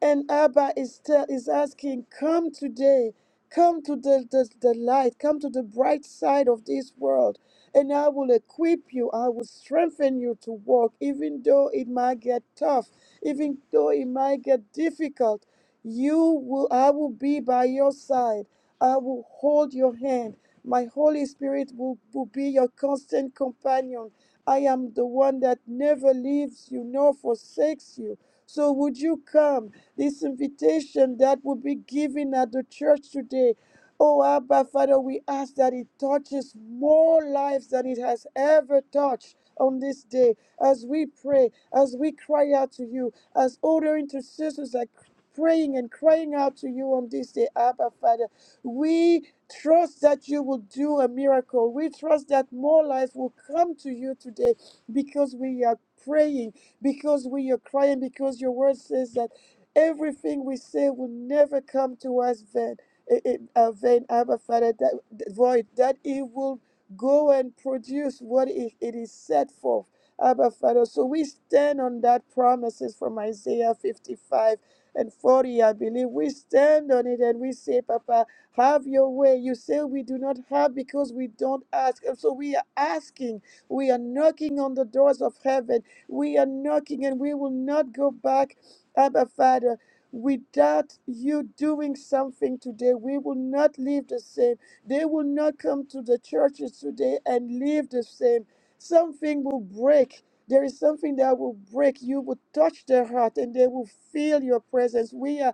and Abba is, tell, is asking, Come today, come to the, the, the light, come to the bright side of this world, and I will equip you, I will strengthen you to walk, even though it might get tough, even though it might get difficult. You will, I will be by your side, I will hold your hand. My Holy Spirit will, will be your constant companion. I am the one that never leaves you nor forsakes you. So would you come? this invitation that will be given at the church today. Oh, Abba, Father, we ask that it touches more lives than it has ever touched on this day. As we pray, as we cry out to you, as other intercessors are praying and crying out to you on this day, Abba, Father, we trust that you will do a miracle. We trust that more lives will come to you today because we are praying, because we are crying, because your word says that. Everything we say will never come to us vain. It, it, uh, vain Abba Father, that that void, that it will go and produce what it, it is set for. Abba Father. So we stand on that promises from Isaiah 55 and 40, I believe. We stand on it and we say, Papa, have your way. You say we do not have because we don't ask. And so we are asking. We are knocking on the doors of heaven. We are knocking and we will not go back Abba Father, without you doing something today, we will not live the same. They will not come to the churches today and live the same. Something will break. There is something that will break. You will touch their heart and they will feel your presence. We are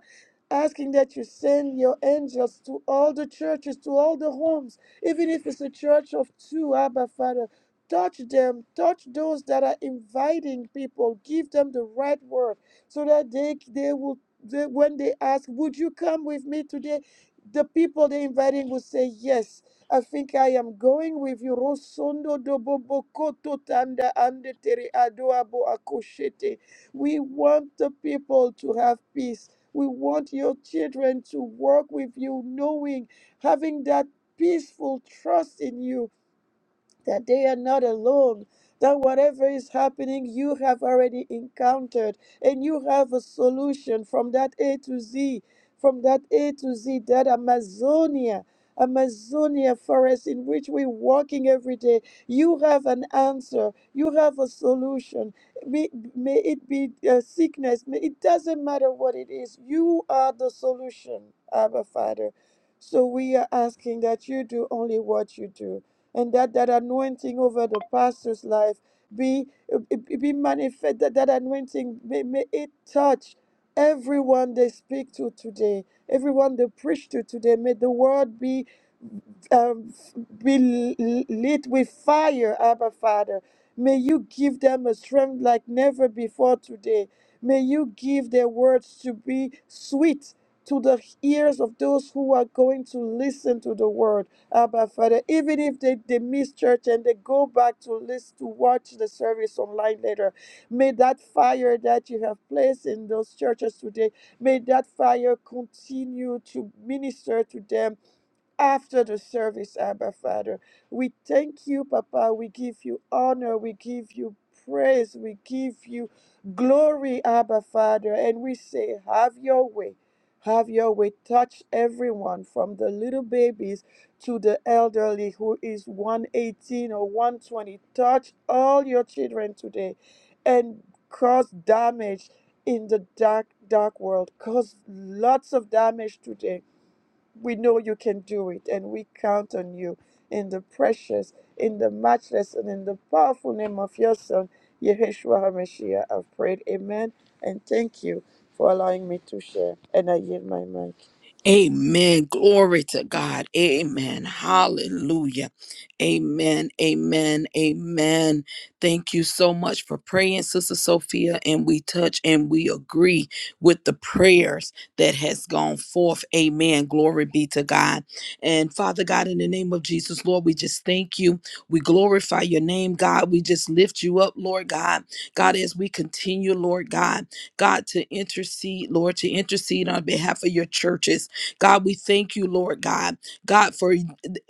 asking that you send your angels to all the churches, to all the homes, even if it's a church of two, Abba Father. Touch them, touch those that are inviting people, give them the right word so that they they will they, when they ask, Would you come with me today? The people they're inviting will say yes. I think I am going with you. Rosondo dobobo koto tanda ande tere adoabo akoshete. We want the people to have peace. We want your children to work with you, knowing, having that peaceful trust in you that they are not alone, that whatever is happening, you have already encountered, and you have a solution from that A to Z, from that A to Z, that Amazonia. Amazonia forest in which we're walking every day, you have an answer, you have a solution. May, may it be uh, sickness, may, it doesn't matter what it is, you are the solution, Abba Father. So we are asking that you do only what you do and that that anointing over the pastor's life be uh, be manifest that that anointing may, may it touch everyone they speak to today everyone they preach to today may the word be um, be lit with fire, Abba Father. May you give them a strength like never before today. May you give their words to be sweet to the ears of those who are going to listen to the word, Abba Father. Even if they, they miss church and they go back to listen to watch the service online later, may that fire that you have placed in those churches today, may that fire continue to minister to them after the service, Abba Father. We thank you, Papa. We give you honor. We give you praise. We give you glory, Abba Father. And we say, Have your way. Have your way. Touch everyone from the little babies to the elderly who is 118 or 120. Touch all your children today and cause damage in the dark, dark world. Cause lots of damage today we know you can do it, and we count on you in the precious, in the matchless, and in the powerful name of your Son, Yeshua HaMashiach. I've prayed. Amen. And thank you for allowing me to share. And I yield my mic. Amen. Glory to God. Amen. Hallelujah. Amen. Amen. Amen. Thank you so much for praying, Sister Sophia. And we touch and we agree with the prayers that has gone forth. Amen. Glory be to God. And Father God, in the name of Jesus, Lord, we just thank you. We glorify your name, God. We just lift you up, Lord God. God, as we continue, Lord God, God, to intercede, Lord, to intercede on behalf of your churches. God, we thank you, Lord God. God, for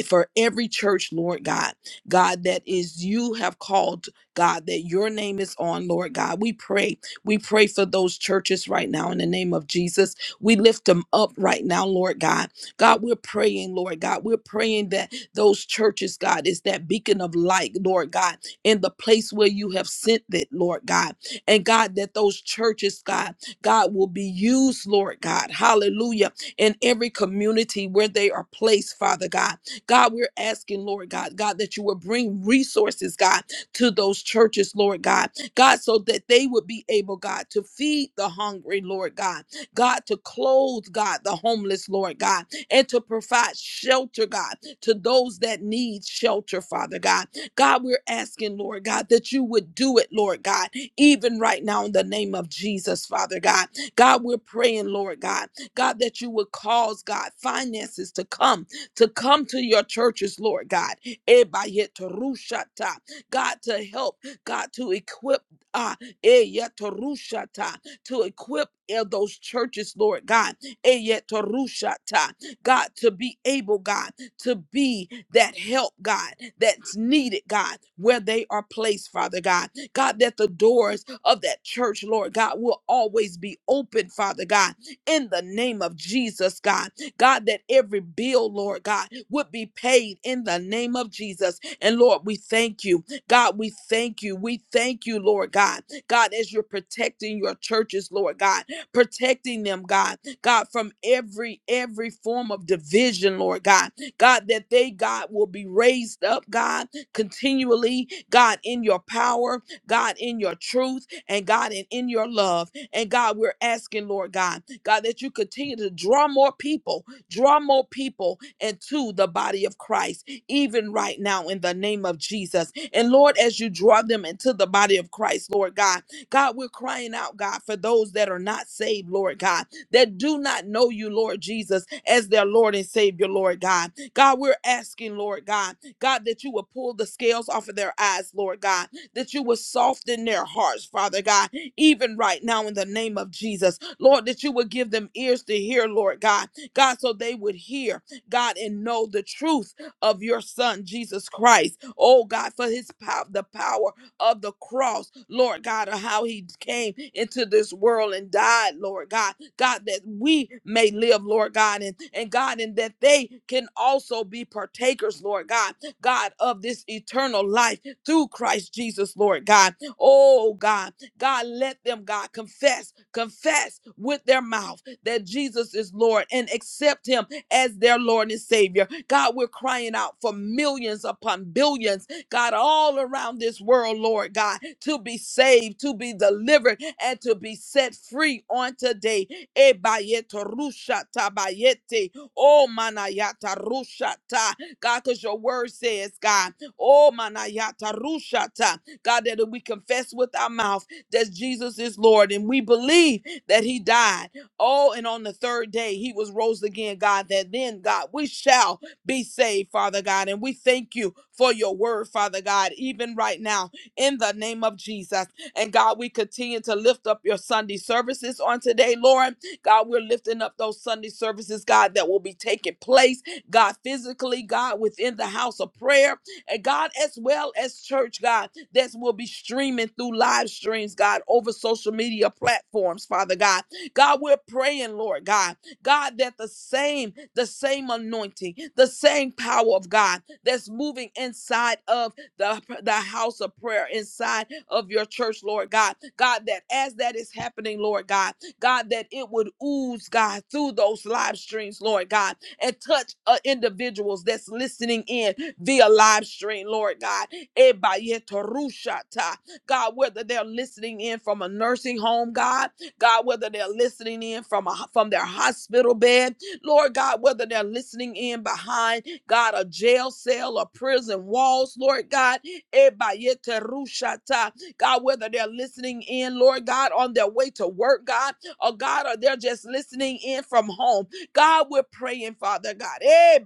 for every church, Lord God. God, that is you have called, God, that your name is on, Lord God. We pray. We pray for those churches right now in the name of Jesus. We lift them up right now, Lord God. God, we're praying, Lord God. We're praying that those churches, God, is that beacon of light, Lord God, in the place where you have sent it, Lord God. And God, that those churches, God, God will be used, Lord God. Hallelujah in every community where they are placed, Father God. God, we're asking, Lord God, God, that you will bring resources, God, to those churches, Lord God. God, so that they would be able, God, to feed the hungry, Lord God. God, to clothe, God, the homeless, Lord God, and to provide shelter, God, to those that need shelter, Father God. God, we're asking, Lord God, that you would do it, Lord God, even right now in the name of Jesus, Father God. God, we're praying, Lord God, God, that you would cause, God, finances to come, to come to your churches, Lord God. Ebayetorushata. God, to help, God, to equip, uh, eyetorushata, to equip uh, those churches, Lord God. Eyetorushata. God, to be able, God, to be that help, God, that's needed, God, where they are placed, Father God. God, that the doors of that church, Lord God, will always be open, Father God in the name of Jesus, God. God, that every bill, Lord God, would be paid in the name of Jesus. And Lord, we thank you. God, we thank you. We thank you, Lord God. God, as you're protecting your churches, Lord God, protecting them, God, God, from every every form of division, Lord God. God, that they, God, will be raised up, God, continually, God, in your power, God, in your truth, and God, and in your love. And God, we're asking, Lord God, God, that you continue to draw more people, draw more people into the body of Christ, even right now in the name of Jesus. And Lord, as you draw them into the body of Christ, Lord God, God, we're crying out, God, for those that are not saved, Lord God, that do not know you, Lord Jesus, as their Lord and Savior, Lord God. God, we're asking, Lord God, God, that you will pull the scales off of their eyes, Lord God, that you will soften their hearts, Father God, even right now in the name of Jesus. Lord, that you would give them ears to hear, Lord God. God, so they would hear, God, and know the truth of your son, Jesus Christ. Oh, God, for his power, the power of the cross, Lord God, of how he came into this world and died, Lord God. God, that we may live, Lord God, and, and God, and that they can also be partakers, Lord God, God, of this eternal life through Christ Jesus, Lord God. Oh, God. God, let them, God, confess, confess with their mouth that Jesus is Lord and accept him as their Lord and Savior. God, we're crying out for millions upon billions, God, all around this world, Lord God, to be saved, to be delivered, and to be set free on today. Ebayete rusha tabayete. Oh, manayata rusha ta. God, because your word says, God, oh, manayata rusha ta. God, that if we confess with our mouth, that Jesus is Lord. And we believe that he died. Oh, and on the third day, he was rose again, God, that then, God, we shall be saved, Father God. And we thank you for your word, Father God, even right now, in the name of Jesus. And God, we continue to lift up your Sunday services on today, Lord. God, we're lifting up those Sunday services, God, that will be taking place, God, physically, God, within the house of prayer and God, as well as church, God, that will be streaming through live streams, God, over social media platforms, Father God. God, we're praying, Lord God, God, that the same, the same anointing, the same power of God that's moving inside of the, the house of prayer, inside of your church, Lord God. God, that as that is happening, Lord God, God, that it would ooze, God, through those live streams, Lord God, and touch uh, individuals that's listening in via live stream, Lord God. Ebayetorushata. God, whether they're listening in from a nursing home, God, God, whether they're listening in from a, from their hospital bed, Lord God, whether they're listening in behind God a jail cell or prison walls, Lord God, Ebayetorushata. God, whether they're listening in, Lord God, on their way to work, God, or God, or they're just listening in from home. God, we're praying, Father God. Eh,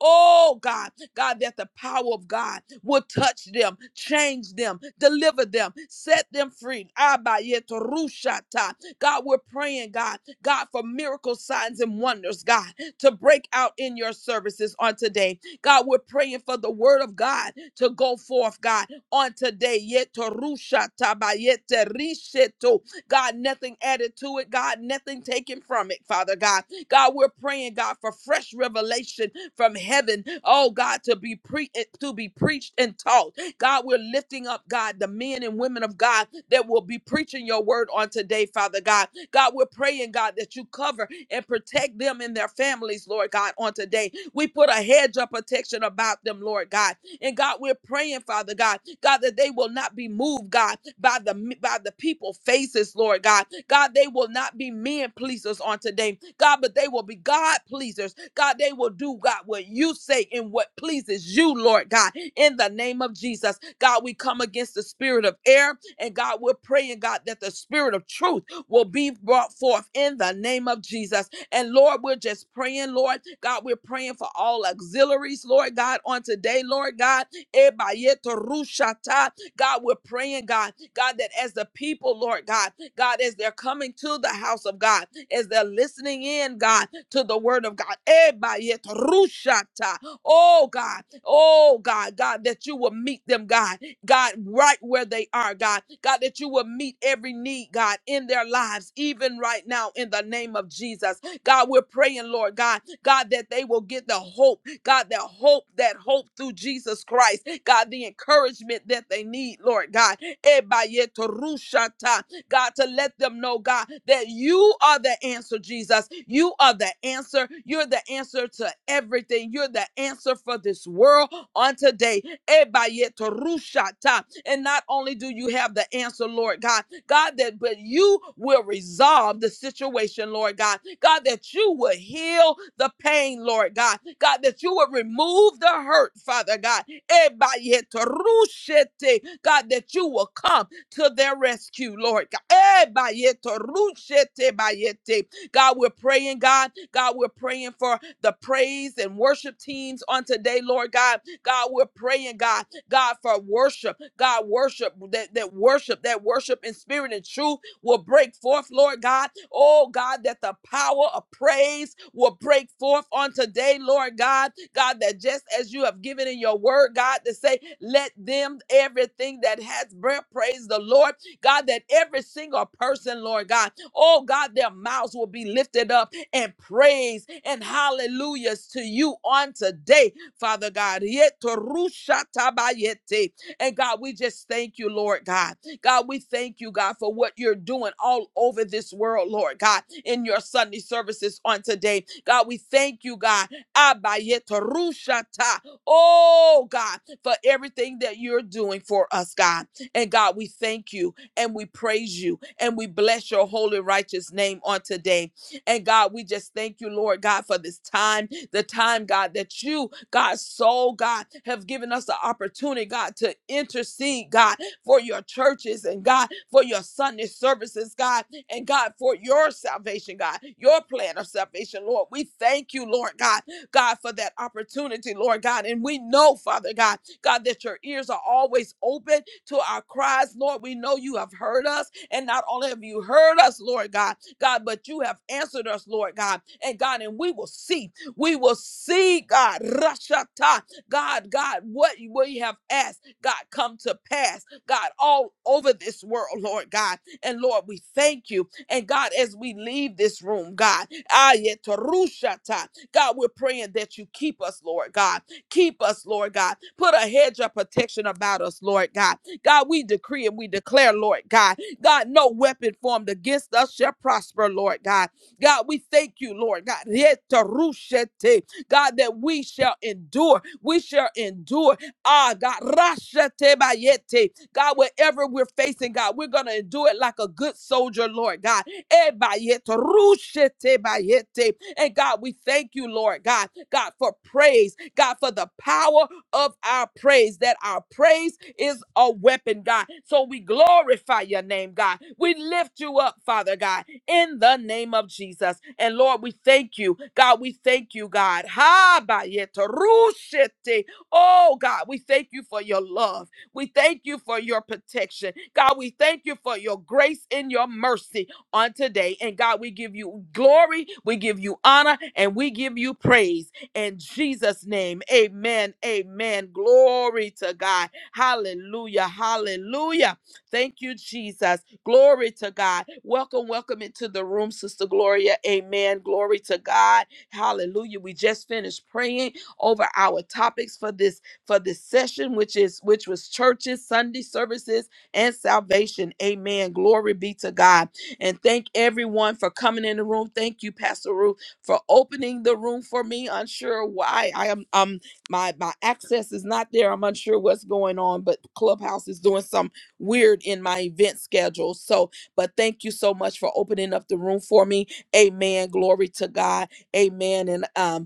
Oh God, God, that the power of God will touch them, change them, deliver them, set them free. Abayetorushata. God, we're praying, God, God, for miracle signs and wonders, God, to break out in your services on today. God, we're praying for the word of God to go forth, God, on today. Yetorushata bayeterisheto. God, nothing added to it, God, nothing taken from it, Father God. God, we're praying, God, for fresh revelation from heaven. Oh God, to be pre eh, to be preached and taught. God, we're lifting up, God, the men and women of God that will be preaching your word on today, Father God. God, we're praying, God, that you cover and protect them and their families, Lord God, on today. We put a hedge of protection about them, Lord God. And God, we're praying, Father God, God, that they will not be moved, God, by the by the people faces, Lord God. God, they will not be men pleasers on today, God, but they will be God pleasers. God, they will do, God, what you say and what pleases you, Lord God, in the name of Jesus. God, we come against the spirit of error, and God, we're praying, God, that the spirit of truth will be brought forth in the name of Jesus. And Lord, we're just praying, Lord. God, we're praying for all auxiliaries, Lord God, on today, Lord God. Ebayeto rushata. God, we're praying, God, God, that as the people, Lord God, God, as they're coming to the house of God, as they're listening in, God, to the word of God. Ebayeto rushata. Oh God, oh God, God, that you will meet them, God, God, right where they are, God, God, that you will meet every need, God, in their lives, even right now, in the name of Jesus. God, we're praying, Lord God, God, that they will get the hope, God, that hope, that hope through Jesus Christ, God, the encouragement that they need, Lord God. Ebayetorushata. God, to let them know, God, that you are the answer, Jesus. You are the answer. You're the answer to everything. You're the answer for this world on today. Ebayetorushata. And not only do you have the answer, Lord God, God, that but you will resolve the situation, Lord God. God, that you will heal the pain, Lord God. God, that you will remove the hurt, Father God. Ebayeterushete. God, that you will come to their rescue, Lord God. Ebayeterushete bayete. God, we're praying, God. God, we're praying for the praise and worship teams on today, Lord God. God, we're praying, God God, for worship. God, worship, that, that worship, that worship in spirit and truth will break forth, Lord God. Oh, God, that the power of praise will break forth on today, Lord God. God, that just as you have given in your word, God, to say, let them, everything that has breath, praise the Lord. God, that every single person, Lord God, oh, God, their mouths will be lifted up and praise and hallelujahs to you on today. Father God. Yetorushatabayete. And God, we just thank you, Lord God. God, we thank you, God, for what you're doing all over this world, Lord God, in your Sunday services on today. God, we thank you, God. Abayetorushata. Oh, God, for everything that you're doing for us, God. And God, we thank you and we praise you and we bless your holy, righteous name on today. And God, we just thank you, Lord God, for this time the time, God, that you, God, soul, God, have given us the opportunity, God, to intercede, God, for your churches and God, for your Sunday services, God, and God, for your salvation, God, your plan of salvation, Lord. We thank you, Lord God, God, for that opportunity, Lord God. And we know, Father God, God, that your ears are always open to our cries, Lord. We know you have heard us, and not only have you heard us, Lord God, God, but you have answered us, Lord God, and God, and we will see. We will see, God, Rashata, God, God, what we have asked, God, come to pass, God, all over this world, Lord God. And Lord, we thank you. And God, as we leave this room, God, ayetarushata, God, we're praying that you keep us, Lord God. Keep us, Lord God. Put a hedge of protection about us, Lord God. God, we decree and we declare, Lord God, God, no weapon formed against us shall prosper, Lord God. God, we thank you, Lord God. Yetarushete. God, that we shall endure. We shall endure. Ah, God. Rashete bayete. God, whatever we're facing, God, we're going to endure it like a good soldier, Lord God. Eh, bayete. Rushete bayete. And God, we thank you, Lord God, God, for praise, God, for the power of our praise, that our praise is a weapon, God. So we glorify your name, God. We lift you up, Father God in the name of Jesus. And Lord, we thank you. God, we thank you, God. Ha ba yeta rushete. Oh God, we thank you for your love. We thank you for your protection. God, we thank you for your grace and your mercy on today. And God, we give you glory, we give you honor, and we give you praise in Jesus' name. Amen. Amen. Glory to God. Hallelujah. Hallelujah. Thank you, Jesus. Glory to God. Welcome, welcome into the room, Sister Gloria. Amen. Glory to God. Hallelujah. We just finished praying over our topics for this for this session, which is which was churches, Sunday services, and salvation. Amen. Glory be to God. And thank everyone for coming in the room. Thank you, Pastor Ruth, for opening the room for me. Unsure why I am um my my access is not there. I'm unsure what's going on, but Clubhouse is doing something weird in my event schedule. So, but thank you so much for opening up the room for me. Amen. Glory to God. Amen. And um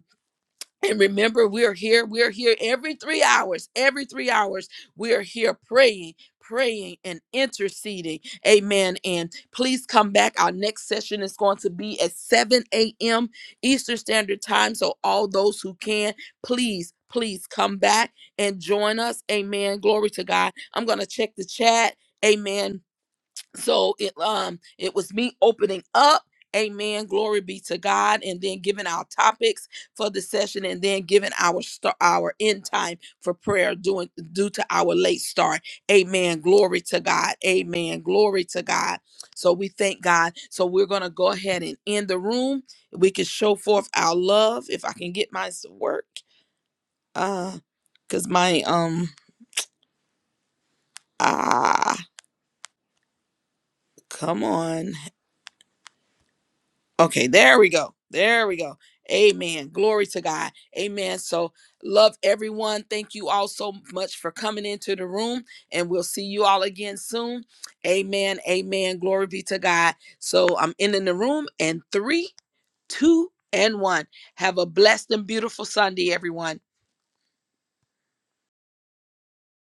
and remember, we're here. We're here every three hours. Every three hours, we are here praying, praying, and interceding. Amen. And please come back. Our next session is going to be at 7 a.m. Eastern Standard Time. So, all those who can, please, please come back and join us. Amen. Glory to God. I'm going to check the chat. Amen so it um it was me opening up. Amen. Glory be to God. And then giving our topics for the session and then giving our start our end time for prayer doing due to our late start. Amen. Glory to God. Amen. Glory to God. So we thank God. So we're gonna go ahead and end the room. We can show forth our love if I can get mine to work. Uh because my um ah come on. Okay, there we go. There we go. Amen. Glory to God. Amen. So, love everyone. Thank you all so much for coming into the room, and we'll see you all again soon. Amen. Amen. Glory be to God. So, I'm ending the room in three, two, and one. Have a blessed and beautiful Sunday, everyone.